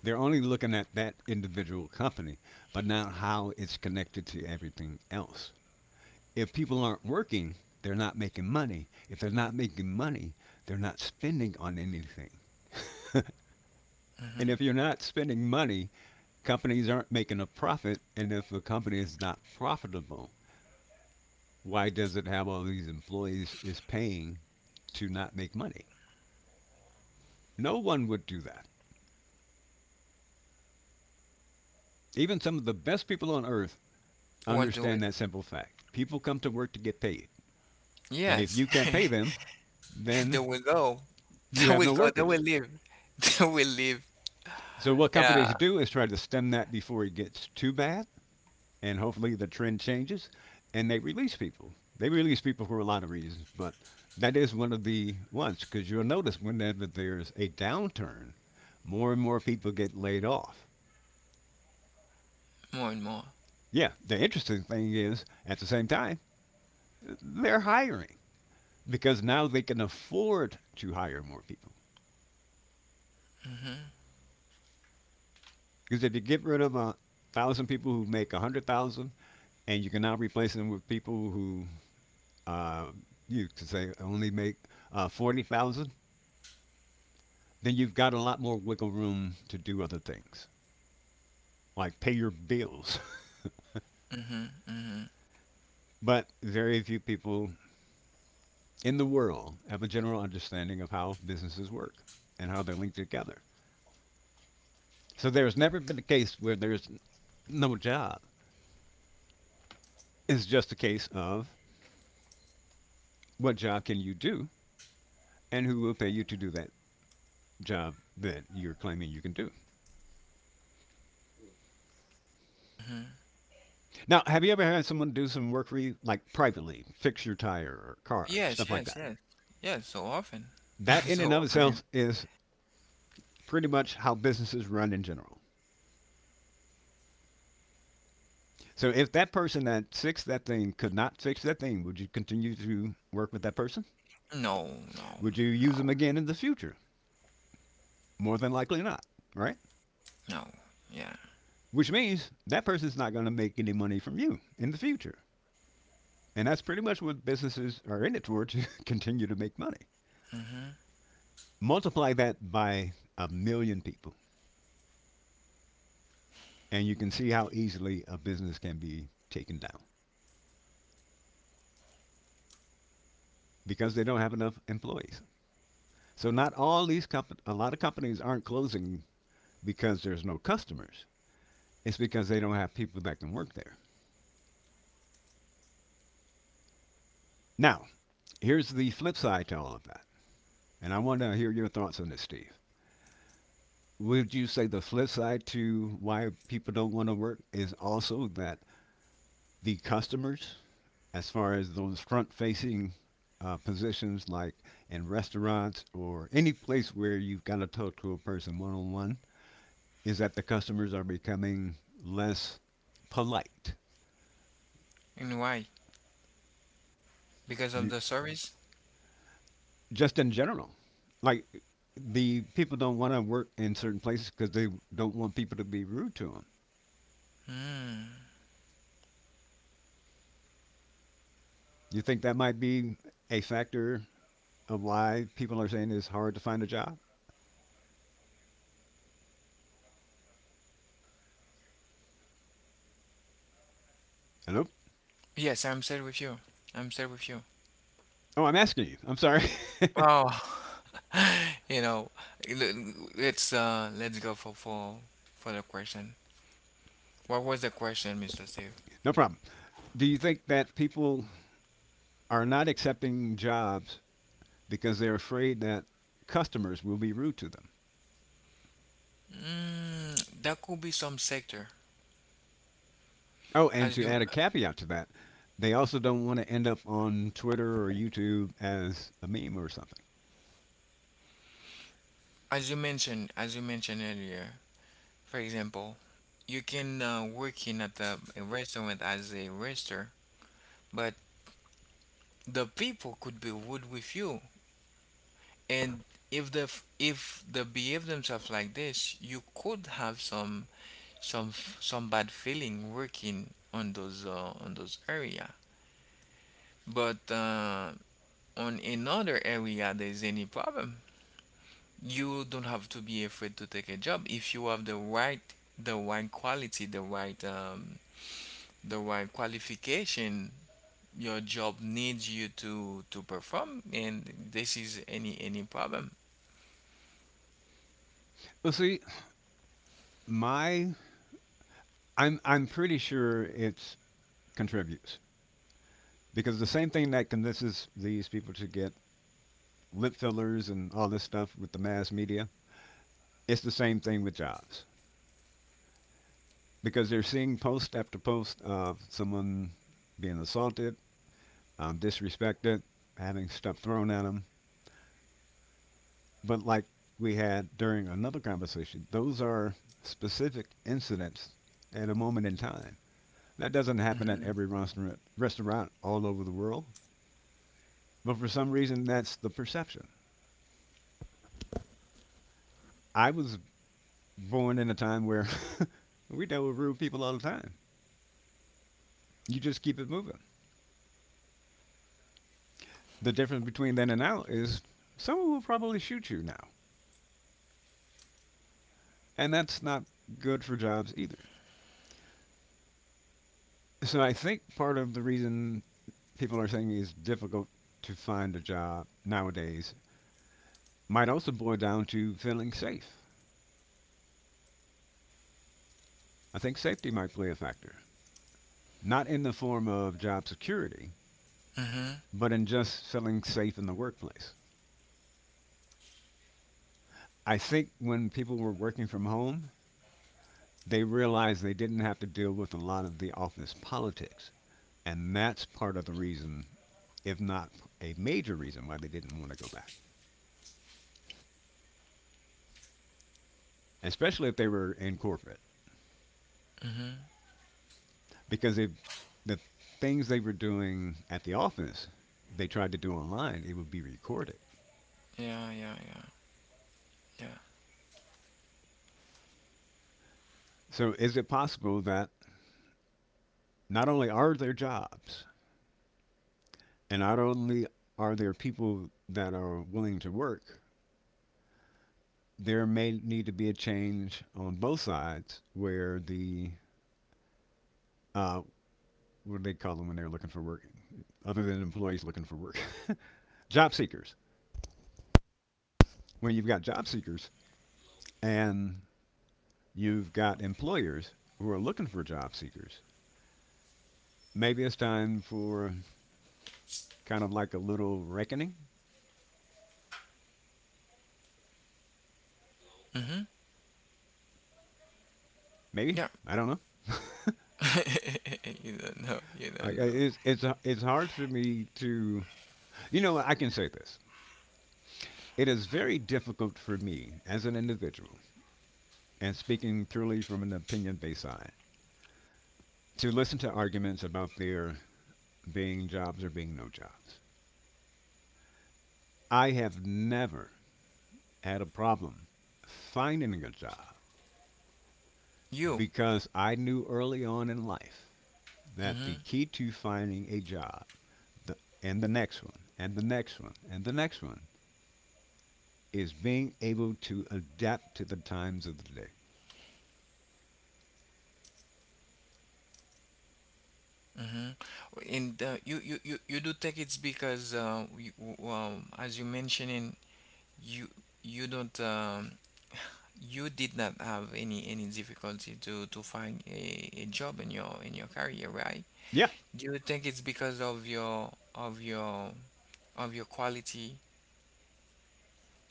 S2: they're only looking at that individual company, but not how it's connected to everything else. If people aren't working, they're not making money. If they're not making money, they're not spending on anything. (laughs) And if you're not spending money, companies aren't making a profit, and if a company is not profitable, why does it have all these employees is paying to not make money? No one would do that. Even some of the best people on earth
S1: Won't do
S2: understand
S1: it.
S2: that simple fact. People come to work to get paid, and if
S1: Yes.
S2: you can't
S1: (laughs)
S2: pay them, then
S1: There we go. (laughs)
S2: you
S1: There
S2: have
S1: we
S2: no
S1: go. There we
S2: workers.
S1: live. (laughs) There we live.
S2: So what
S1: (laughs) Yeah.
S2: companies do is try to stem that before it gets too bad and hopefully the trend changes and they release people. They release people for a lot of reasons, but that is one of the ones because you'll notice whenever there's a downturn, more and more people get laid off.
S1: More and more.
S2: Yeah, the interesting thing is at the same time, they're hiring because now they can afford to hire more people.
S1: Mm-hmm,
S2: Because if you get rid of a thousand people who make a hundred thousand, and you can now replace them with people who uh, you could say only make uh, forty thousand, then you've got a lot more wiggle room to do other things, like pay your bills.
S1: mm-hmm, mm-hmm,
S2: (laughs) But very few people in the world have a general understanding of how businesses work and how they link together. So there's never been a case where there's no job. It's just a case of what job can you do and who will pay you to do that job that you're claiming you can do.
S1: mm-hmm.
S2: Now, have you ever had someone do some work for you, like privately, fix your tire or car,
S1: Yes,
S2: stuff like
S1: yes,
S2: that?
S1: yes. Yes, so often. (laughs)
S2: That in
S1: So
S2: and of
S1: often.
S2: itself is pretty much how businesses run in general. So if that person that fixed that thing could not fix that thing, would you continue to work with that person?
S1: No, no,
S2: Would you
S1: no,
S2: use them again in the future? More than likely not, right?
S1: no. Yeah.
S2: Which means that person's not going to make any money from you in the future. And that's pretty much what businesses are in it toward to (laughs) continue to make money.
S1: Mm-hmm.
S2: Multiply that by a million people, and you can see how easily a business can be taken down because they don't have enough employees. So not all these comp- a lot of companies aren't closing because there's no customers. It's because they don't have people that can work there. Now, here's the flip side to all of that. And I want to hear your thoughts on this, Steve. Would you say the flip side to why people don't want to work is also that the customers, as far as those front facing uh, positions like in restaurants or any place where you've got to talk to a person one on one, is that the customers are becoming less polite?
S1: And why? Because of
S2: You,
S1: the service?
S2: just in general. Like the people don't want to work in certain places because they don't want people to be rude to them.
S1: Hmm.
S2: You think that might be a factor of why people are saying it's hard to find a job? Hello?
S1: Yes, I'm still with you. I'm still with you.
S2: Oh, I'm asking you. I'm sorry.
S1: Oh, (laughs) you know, l- let's, uh let's go for for for the question. What was the question, mister Steve?
S2: (laughs) No problem. Do you think that people are not accepting jobs because they're afraid that customers will be rude to them?
S1: Mm, that could be some sector,
S2: Oh, and
S1: as
S2: to
S1: you
S2: add a caveat to that, they also don't want to end up on Twitter or YouTube as a meme or something.
S1: as you mentioned as you mentioned earlier. For example, you can, uh, work in at a, a restaurant as a waiter, but the people could be rude with you, and if the f- if they behave themselves like this, you could have some, some f- some bad feeling working on those, uh, on those area. But uh, on another area, there's any problem. You don't have to be afraid to take a job if you have the right, the right quality, the right, um, the right qualification. Your job needs you to to perform, and this is any any problem.
S2: Well, see, my I'm I'm pretty sure it contributes because the same thing that convinces these people to get lip fillers and all this stuff with the mass media, it's the same thing with jobs because they're seeing post after post of someone being assaulted, um, disrespected, having stuff thrown at them. But like we had during another conversation, those are specific incidents at a moment in time. That doesn't happen at every restaurant restaurant all over the world, but for some reason that's the perception. I was born in a time where (laughs) we dealt with rude people all the time. You just keep it moving. The difference between then and now is someone will probably shoot you now, and that's not good for jobs either. So I think part of the reason people are saying it's difficult to find a job nowadays might also boil down to feeling safe. I think safety might play a factor, not in the form of job security,
S1: Mm-hmm.
S2: but in just feeling safe in the workplace. I think when people were working from home, they realized they didn't have to deal with a lot of the office politics. And that's part of the reason, if not a major reason, why they didn't want to go back, especially if they were in corporate.
S1: Mm-hmm.
S2: Because if the things they were doing at the office, they tried to do online, it would be recorded.
S1: Yeah, yeah, yeah,
S2: So is it possible that not only are there jobs, and not only are there people that are willing to work, there may need to be a change on both sides where the uh, what do they call them when they're looking for work? Other than employees looking for work, (laughs) job seekers. When you've got job seekers and you've got employers who are looking for job seekers, maybe it's time for kind of like a little reckoning. Maybe
S1: yeah,
S2: I don't know.
S1: yeah. (laughs) you don't know you
S2: Like
S1: don't
S2: uh,
S1: know
S2: it's it's uh, it's hard for me to, you know what, I can say this. It is very difficult for me as an individual, and speaking purely from an opinion based side, to listen to arguments about there being jobs or being no jobs. I have never had a problem finding a job
S1: you
S2: because I knew early on in life that the
S1: Mhm.
S2: key to finding a job, the, and the next one and the next one and the next one is being able to adapt to the times of the day.
S1: Mm-hmm. And, uh, you, you, you, you do think it's because, uh, we, w- um, as you mentioning, you you don't um, you did not have any any difficulty to to find a, a job in your, in your career, right?
S2: Yeah,
S1: Do you think it's because of your, of your of your quality,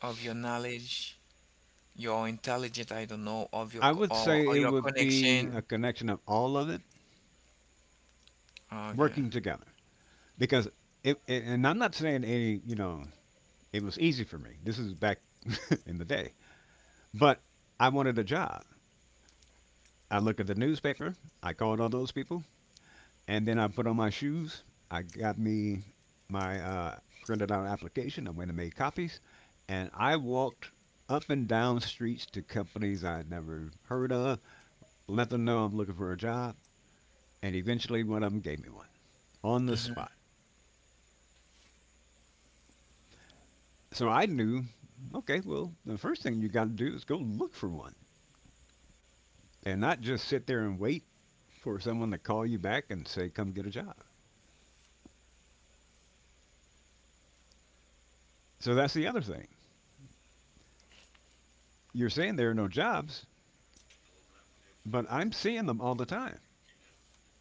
S1: of your knowledge, your intelligence, I don't know, of your
S2: I
S1: co-
S2: would
S1: or, or
S2: say it
S1: your
S2: would be a
S1: connection?
S2: connection of all of it
S1: Okay.
S2: working together because it, it and I'm not saying any, you know, it was easy for me. This is back (laughs) in the day, but I wanted a job. I look at the newspaper. I called all those people, and then I put on my shoes. I got me my uh, printed out application. I went and made copies, and I walked up and down streets to companies I'd never heard of. Let them know I'm looking for a job, and eventually one of them gave me one on the
S1: Mm-hmm.
S2: spot. So I knew, okay, well, the first thing you got to do is go look for one, and not just sit there and wait for someone to call you back and say, "Come get a job." So that's the other thing. You're saying there are no jobs, but I'm seeing them all the time.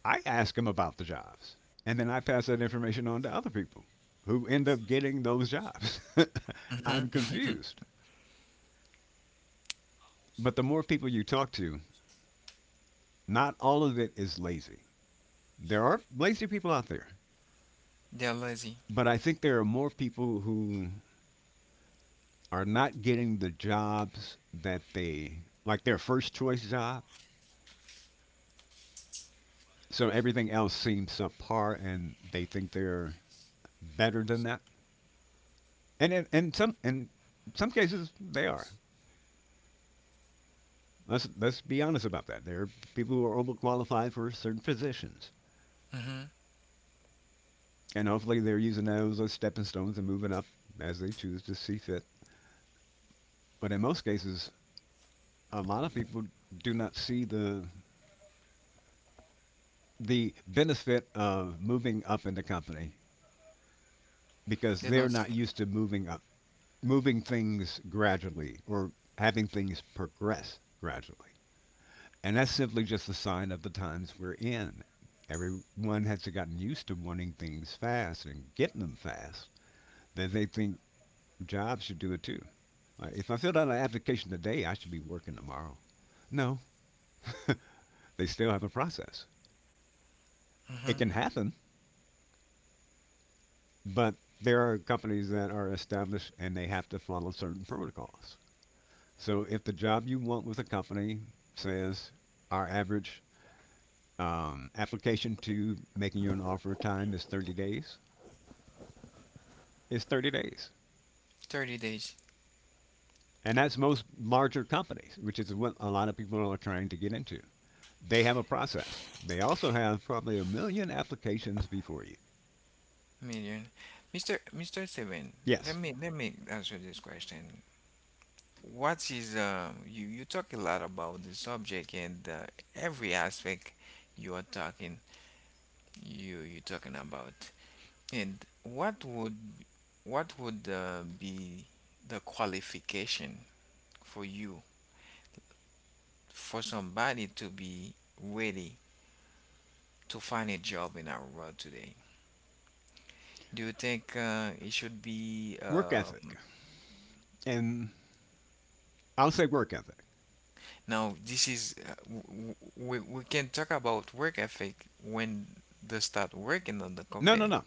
S2: I ask them about the jobs, and then I pass that information on to other people who end up getting those jobs. (laughs) I'm
S1: Mm-hmm.
S2: confused. But the more people you talk to, not all of it is lazy. There are lazy people out there,
S1: They're lazy.
S2: but I think there are more people who are not getting the jobs that they like their first choice job. So everything else seems subpar, and they think they're better than that. And in, in some in some cases, they are. Let's let's be honest about that. There are people who are overqualified for certain positions,
S1: Mm-hmm.
S2: and hopefully they're using those as stepping stones and moving up as they choose to see fit. But in most cases, a lot of people do not see the the benefit of moving up in the company because
S1: They
S2: they're
S1: don't say.
S2: not used to moving up, moving things gradually or having things progress gradually. And that's simply just a sign of the times we're in. Everyone has gotten used to wanting things fast and getting them fast that they think jobs should do it too. Like if I filled out an application today, I should be working tomorrow. No, they still have a process.
S1: Mm-hmm.
S2: It can happen, but there are companies that are established and they have to follow certain protocols. So if the job you want with a company says our average um, application to making you an offer time is thirty days, it's thirty days.
S1: thirty days.
S2: And that's most larger companies, which is what a lot of people are trying to get into. They have a process. They also have probably a million applications before you.
S1: Million. mister mister Steven, let
S2: Yes,
S1: me let me answer this question. What is uh, you you talk a lot about the subject, and, uh, every aspect you are talking, you you talking about. And what would what would uh, be the qualification for you for somebody to be ready to find a job in our world today? Do you think uh, it should be?
S2: work
S1: Uh,
S2: ethic. And I'll say work ethic.
S1: Now, this is uh, w- w- we we can talk about work ethic when they start working on the
S2: No, no,
S1: company
S2: no.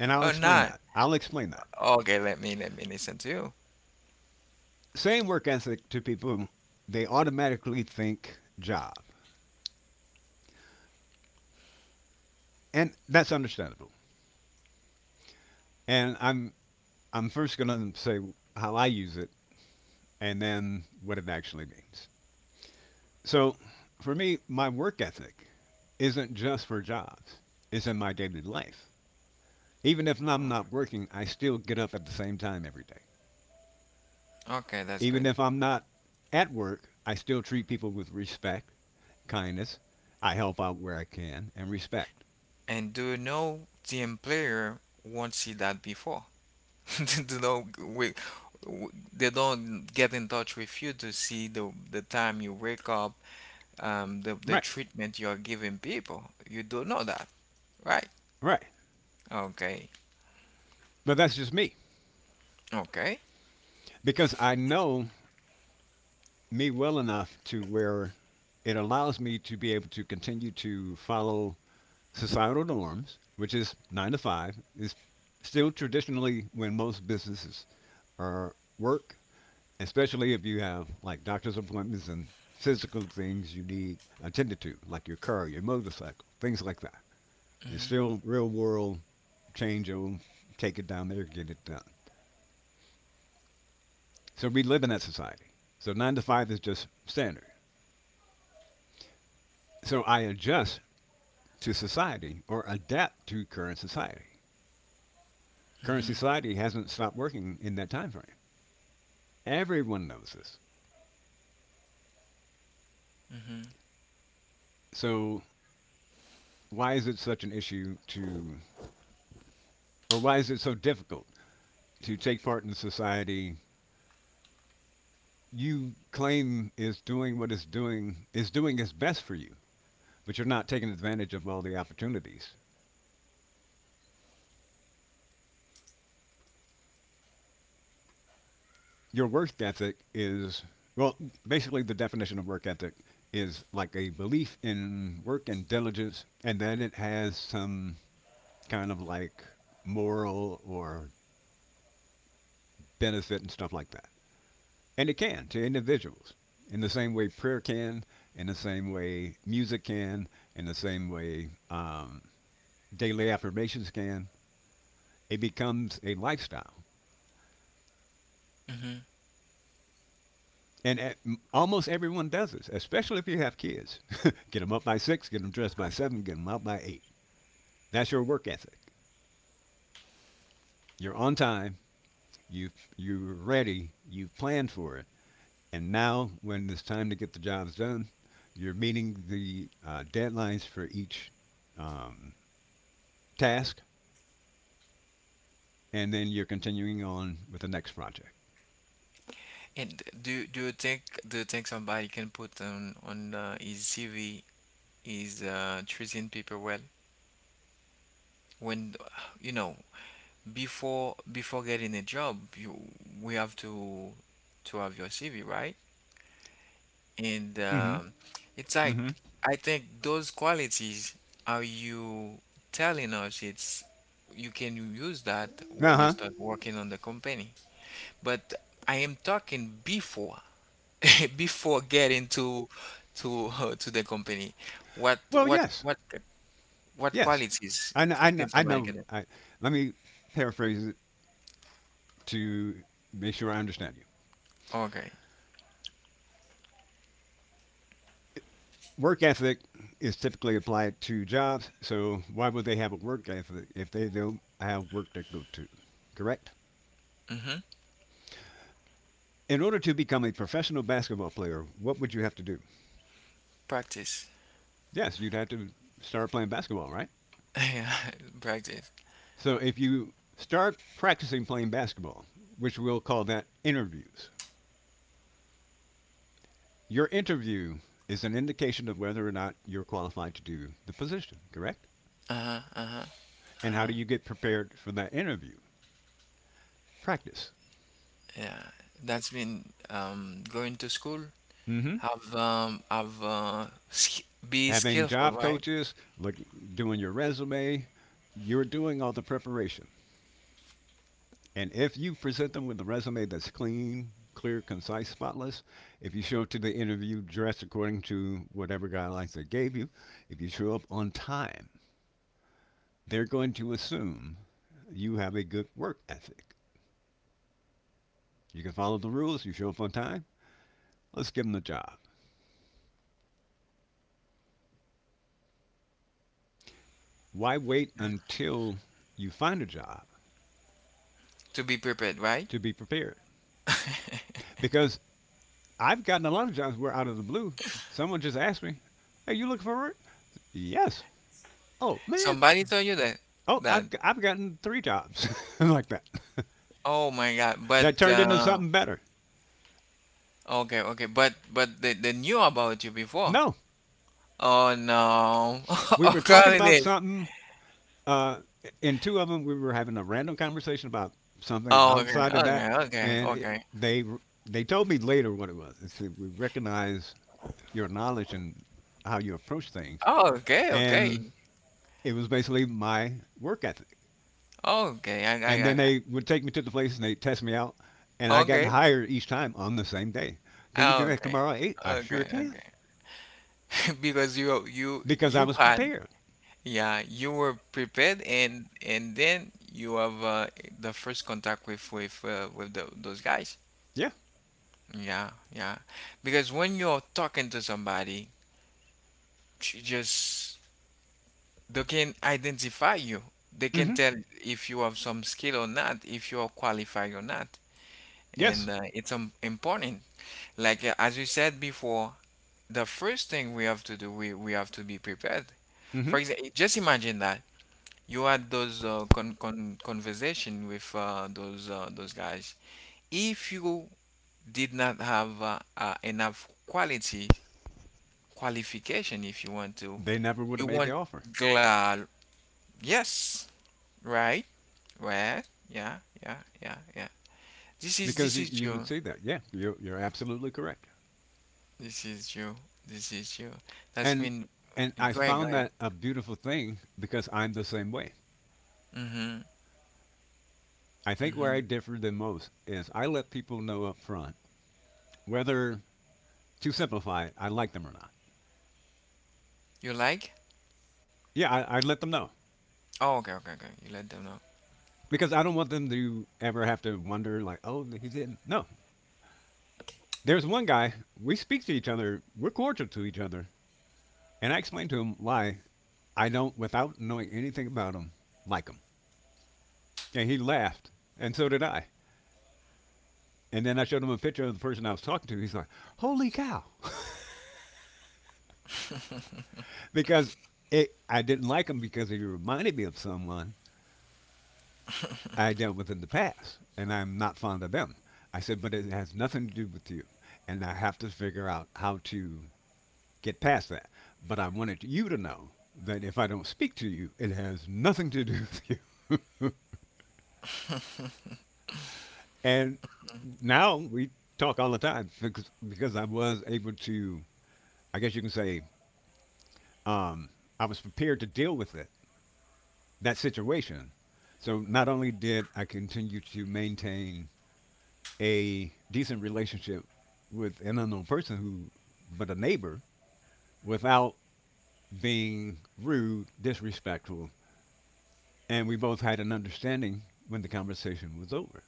S2: And I'll
S1: or
S2: explain
S1: not.
S2: that. I'll explain that.
S1: Okay, let me let me listen to you.
S2: Saying work ethic to people, they automatically think job. And that's understandable. And I'm I'm first going to say how I use it and then what it actually means. So, for me, my work ethic isn't just for jobs. It's in my daily life. Even if I'm not working, I still get up at the same time every day.
S1: Okay, that's
S2: Even
S1: good.
S2: if I'm not at work, I still treat people with respect, kindness. I help out where I can and respect.
S1: And do you know the employer won't see that before? (laughs) Do you we, w they don't get in touch with you to see the the time you wake up, um, the the
S2: Right,
S1: treatment you're giving people. You don't know that, right?
S2: right.
S1: Okay,
S2: But that's just me
S1: okay.
S2: because I know me well enough to where it allows me to be able to continue to follow societal norms, which is nine to five, is still traditionally when most businesses are work, especially if you have like doctor's appointments and physical things you need attended to, like your car, your motorcycle, things like that. It's still real world, change over, take it down there, get it done. So we live in that society. So nine to five is just standard. So I adjust to society or adapt to current society. Current society hasn't stopped working in that time frame. Everyone knows this.
S1: Mm-hmm.
S2: So why is it such an issue to, or why is it so difficult to take part in society you claim is doing what it's doing, is doing its best for you, but you're not taking advantage of all the opportunities. Your work ethic is, well, basically the definition of work ethic is like a belief in work and diligence, and then it has some kind of like moral or benefit and stuff like that. And it can, to individuals, in the same way prayer can, in the same way music can, in the same way um, daily affirmations can, it becomes a lifestyle. And at, almost everyone does this, especially if you have kids. (laughs) Get them up by six, get them dressed by seven, get them out by eight. That's your work ethic. You're on time. You you're ready. You've planned for it. And now, when it's time to get the jobs done, you're meeting the uh, deadlines for each um, task, and then you're continuing on with the next project.
S1: And do do you think do you think somebody can put on on uh, his C V is uh, treating people well? When you know before before getting a job, you we have to to have your C V, right? And
S2: Mm-hmm.
S1: um, it's
S2: Mm-hmm.
S1: like I think those qualities are you telling us it's you can use that
S2: Uh
S1: when you
S2: huh.
S1: start working on the company. But I am talking before (laughs) before getting to to (laughs) uh, to the company what
S2: Well,
S1: what
S2: yes.
S1: what what
S2: Yes,
S1: qualities
S2: I know.
S1: c-
S2: I know.
S1: can
S2: I
S1: somebody
S2: know.
S1: get
S2: I, let me paraphrase it to make sure I understand you.
S1: okay.
S2: Work ethic is typically applied to jobs, so why would they have a work ethic if they don't have work to go to? Correct.
S1: Mm-hmm.
S2: In order to become a professional basketball player, what would you have to do?
S1: Practice.
S2: Yes, you'd have to start playing basketball, right?
S1: (laughs) Yeah, practice.
S2: So if you start practicing playing basketball, which we'll call that interviews. Your interview is an indication of whether or not you're qualified to do the position, correct? And how do you get prepared for that interview? Practice.
S1: Yeah, that's been um going to school,
S2: Mm-hmm.
S1: have um have uh sk- be
S2: Having
S1: skillful,
S2: job
S1: right.
S2: coaches, look, doing your resume, you're doing all the preparation. And if you present them with a resume that's clean, clear, concise, spotless, if you show up to the interview dressed according to whatever guidelines they gave you, if you show up on time, they're going to assume you have a good work ethic. You can follow the rules, you show up on time, let's give them the job. Why wait until you find a job
S1: To be prepared, right.
S2: to be prepared? Because I've gotten a lot of jobs where out of the blue, someone just asked me, "Hey, you looking for work?" Yes. Oh, man.
S1: Somebody told you that?
S2: Oh,
S1: That?
S2: I've, i I've gotten three jobs (laughs) like that.
S1: Oh my god.
S2: (laughs)
S1: But
S2: That turned into
S1: uh
S2: something better.
S1: okay, okay, but but they, they knew about you before?
S2: No,
S1: Oh no. (laughs)
S2: we were talking about
S1: Okay.
S2: something. Uh, in two of them, we were having a random conversation about something
S1: Oh, okay,
S2: outside of that,
S1: okay, okay,
S2: and it,
S1: okay.
S2: they they told me later what it was. They We recognize your knowledge and how you approach things.
S1: Oh, okay, okay.
S2: And it was basically my work ethic.
S1: Okay, I,
S2: And
S1: I,
S2: then
S1: I,
S2: they would take me to the place and they test me out, and
S1: I-
S2: I got
S1: okay,
S2: hired each time on the same day. Can you be
S1: oh,
S2: back
S1: okay,
S2: tomorrow at eight? I sure
S1: okay,
S2: can,
S1: okay. (laughs) Because you, you,
S2: because I
S1: you
S2: was
S1: had,
S2: prepared.
S1: yeah, you were prepared, and and then you have uh, the first contact with with uh, with tho- those guys.
S2: Yeah.
S1: Yeah, yeah. Because when you're talking to somebody, j- just they can identify you. They can
S2: Mm-hmm.
S1: tell if you have some skill or not, if you are qualified or not. And
S2: Yes.
S1: uh, it's um, important like uh, as you said before, the first thing we have to do we, we have to be prepared.
S2: Mm-hmm.
S1: For example, just imagine that you had those uh, con- con- conversation with uh, those uh, those guys. If you did not have uh, uh, enough quality qualification, if you want to
S2: They never would
S1: you
S2: have made the
S1: want
S2: offer
S1: glad yes right right yeah yeah yeah yeah. This is
S2: because
S1: this
S2: you,
S1: is
S2: you would
S1: your
S2: see that. Yeah, you're you're absolutely correct.
S1: This is you. This is you. That's
S2: And
S1: mean.
S2: and I
S1: Great,
S2: found
S1: great.
S2: that a beautiful thing because I'm the same way.
S1: Mm-hmm.
S2: I think where I
S1: Mm-hmm.
S2: differ the most is I let people know up front whether, to simplify it, I like them or not.
S1: You like?
S2: Yeah, I, I let them know
S1: Oh, okay, okay, okay. You let them know.
S2: because I don't want them to ever have to wonder like, oh, he didn't. No, there's one guy, we speak to each other, we're cordial to each other, and I explained to him why I don't, without knowing anything about him, like him, and he laughed, and so did I. And then I showed him a picture of the person I was talking to. He's like, holy cow, (laughs) because it, I didn't like him because he reminded me of someone I dealt with in the past, and I'm not fond of them. I said, but it has nothing to do with you, and I have to figure out how to get past that. But I wanted you to know that if I don't speak to you, it has nothing to do with you. (laughs) And now we talk all the time because, because I was able to, I guess you can say, um, I was prepared to deal with it, that situation. So not only did I continue to maintain a decent relationship with an unknown person who, but a neighbor, without being rude, disrespectful, and we both had an understanding when the conversation was over,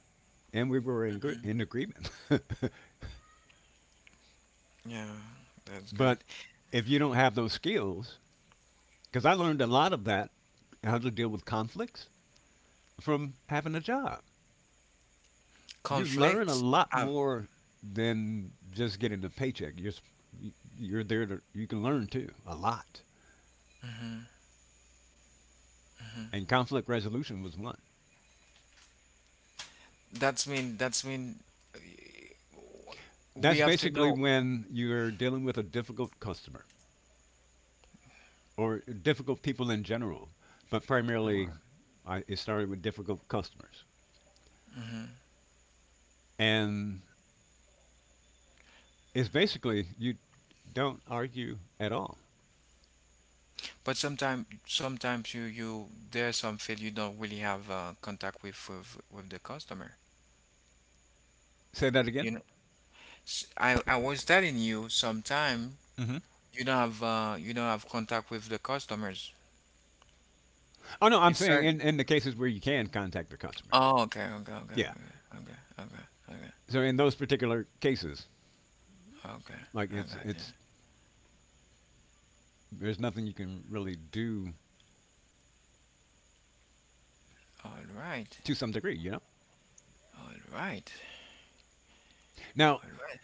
S2: and we were in gr- in agreement.
S1: Yeah, that's
S2: (laughs)
S1: great.
S2: But if you don't have those skills, because I learned a lot of that, how to deal with conflicts from having a job. You learn a
S1: Conflicts?
S2: lot
S1: Uh,
S2: more than just getting a paycheck. You're s- y- you're there to, you can learn too a lot. And conflict resolution was one.
S1: that's mean, that's mean uh, we
S2: That's
S1: have to
S2: basically
S1: know.
S2: when you're dealing with a difficult customer or difficult people in general, but primarily,
S1: Alright.
S2: I, it started with difficult customers. And it's basically, you don't argue at all.
S1: But sometimes sometimes you you there's some field you don't really have uh, contact with, with with the customer.
S2: Say that again?
S1: You know, S- I I was telling you sometime
S2: Mm-hmm.
S1: you don't have uh, you don't have contact with the customers.
S2: Oh, no, I'm
S1: It's
S2: saying
S1: like.
S2: in, in the cases where you can contact the customers.
S1: Oh, okay, okay, okay,
S2: Yeah.
S1: okay, okay, okay, okay,
S2: So in those particular cases,
S1: okay.
S2: like
S1: I
S2: it's,
S1: got you.
S2: it's, there's nothing you can really do
S1: All right,
S2: to some degree, you know?
S1: all right,
S2: Now,
S1: all right.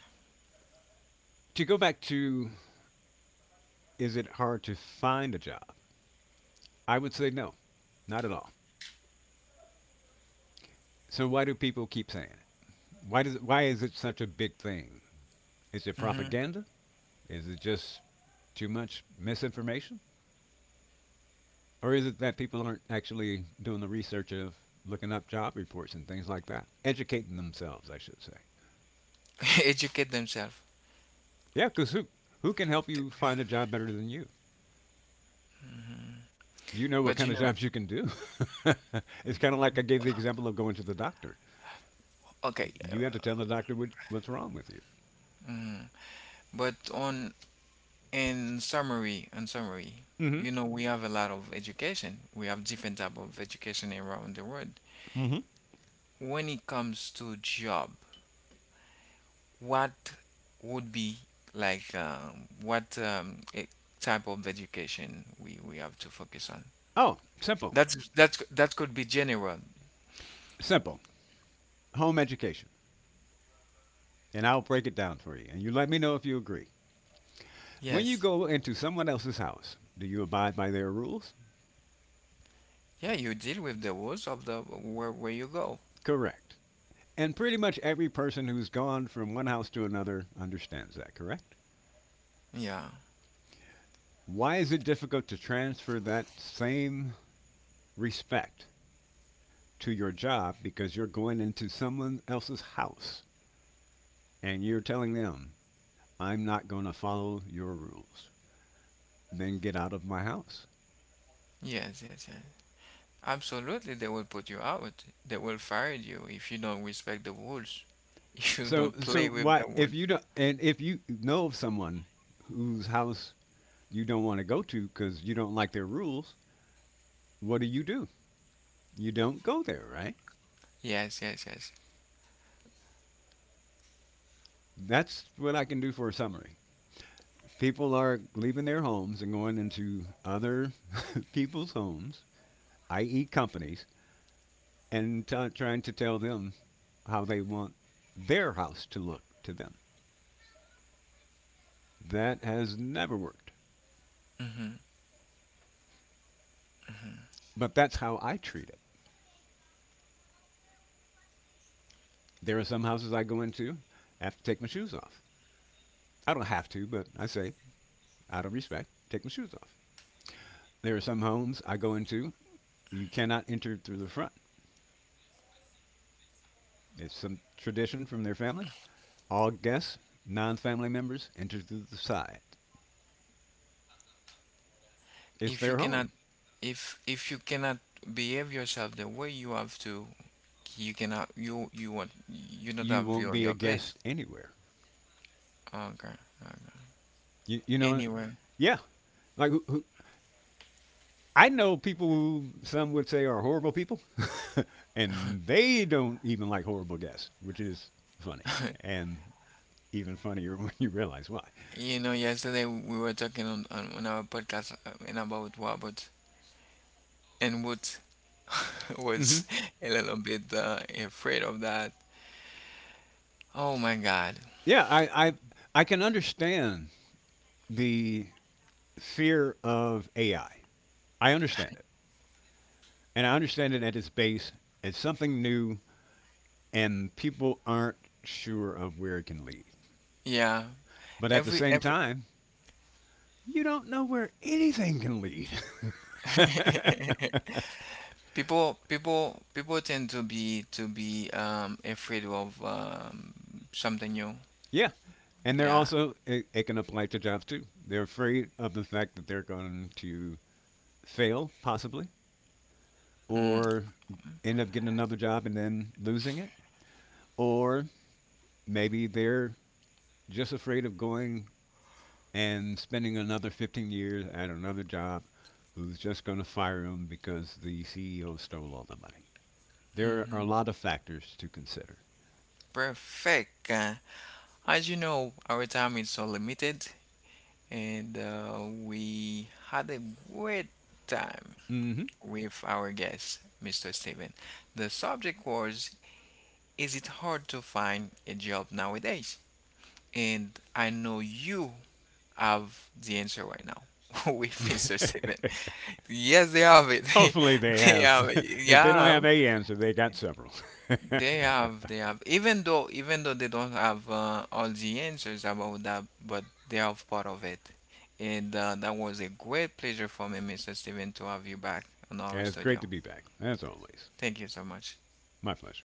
S2: to go back to, is it hard to find a job? I would say no, not at all. So why do people keep saying it? Why does it, why is it such a big thing? Is it
S1: Mm-hmm.
S2: propaganda? Is it just too much misinformation? Or is it that people aren't actually doing the research of looking up job reports and things like that? Educating themselves, I should say.
S1: (laughs) Educate themselves.
S2: Yeah, because who, who can help you find a job better than you? You know what
S1: But you
S2: kind of (laughs)
S1: know,
S2: jobs you can do. (laughs) It's kind of like I gave the example of going to the doctor.
S1: okay.
S2: You have
S1: uh,
S2: to tell the doctor what, what's wrong with you.
S1: But on in summary, in summary,
S2: Mm
S1: you know, we have a lot of education. We have different type of education around the world.
S2: hmm. Mm-hmm.
S1: When it comes to job, what would be like um, what um, e- type of education we we have to focus on?
S2: Oh, simple.
S1: That's that that could be general.
S2: Simple. Home education, and I'll break it down for you. And you let me know if you agree. When you
S1: Yes.
S2: go into someone else's house, do you abide by their rules?
S1: Yeah, you deal with the rules of the where where you go.
S2: Correct. And pretty much every person who's gone from one house to another understands that, correct?
S1: Yeah.
S2: Why is it difficult to transfer that same respect to your job, because you're going into someone else's house and you're telling them, I'm not going to follow your rules? Then get out of my house.
S1: Yes, yes, yes. Absolutely, they will put you out. They will fire you if you don't respect the rules. (laughs) If you
S2: So
S1: don't play
S2: so
S1: with
S2: why,
S1: the
S2: if
S1: rules.
S2: you don't, and if you know of someone whose house you don't want to go to because you don't like their rules, what do you do? You don't go there, right?
S1: Yes, yes, yes.
S2: That's what I can do for a summary. People are leaving their homes and going into other (laughs) people's homes, i e, companies, and t- trying to tell them how they want their house to look to them. That has never worked,
S1: Hmm.
S2: but that's how I treat it. There are some houses I go into, I have to take my shoes off. I don't have to, but I say, out of respect, take my shoes off. There are some homes I go into, you cannot enter through the front. It's some tradition from their family. All guests, non family members, enter through the side. It's
S1: If you
S2: their
S1: cannot,
S2: home.
S1: if if you cannot behave yourself the way you have to, you cannot. You you want you don't
S2: You
S1: have
S2: won't
S1: your
S2: be a
S1: your place.
S2: guest anywhere.
S1: Okay. Okay.
S2: You, you know,
S1: Anyway.
S2: yeah. Like, who, who, I know people who some would say are horrible people, (laughs) and they don't even like horrible guests, which is funny,
S1: (laughs)
S2: and even funnier (laughs) when you realize why.
S1: You know, yesterday we were talking on, on, on our podcast uh, and about robots, and Wood (laughs)
S2: Hmm.
S1: was a little bit uh, afraid of that. Oh my God!
S2: Yeah, I, I I can understand the fear of A I. I I understand it. And I understand it at its base. It's something new, and people aren't sure of where it can lead.
S1: Yeah,
S2: But at the
S1: every
S2: same
S1: every
S2: time, you don't know where anything can lead.
S1: (laughs) people people people tend to be to be um, afraid of um, something new.
S2: (laughs) Yeah. And they're
S1: Yeah,
S2: also it, it can apply to jobs too. They're afraid of the fact that they're going to fail possibly,
S1: mm,
S2: or end up getting another job and then losing it, or maybe they're just afraid of going and spending another fifteen years at another job who's just going to fire them because the C E O stole all the money. There are a lot of factors to consider.
S1: perfect. Uh, as you know, our time is so limited, and uh, we had a great time
S2: Hmm.
S1: with our guest, mister Steven. The subject was, is it hard to find a job nowadays? And I know you have the answer right now (laughs) with mister Steven.
S2: (laughs)
S1: Yes, they have it.
S2: Hopefully they
S1: (laughs) They
S2: have.
S1: have it.
S2: (laughs) If they don't have
S1: Yeah,
S2: a answer, they got several.
S1: they have.
S2: (laughs)
S1: They have. Even though, even though they don't have uh, all the answers about that, but they have part of it. And uh, that was a great pleasure for me, mister Steven, to have you back on our
S2: It's great
S1: studio.
S2: to be back, as always.
S1: Thank you so much.
S2: My pleasure.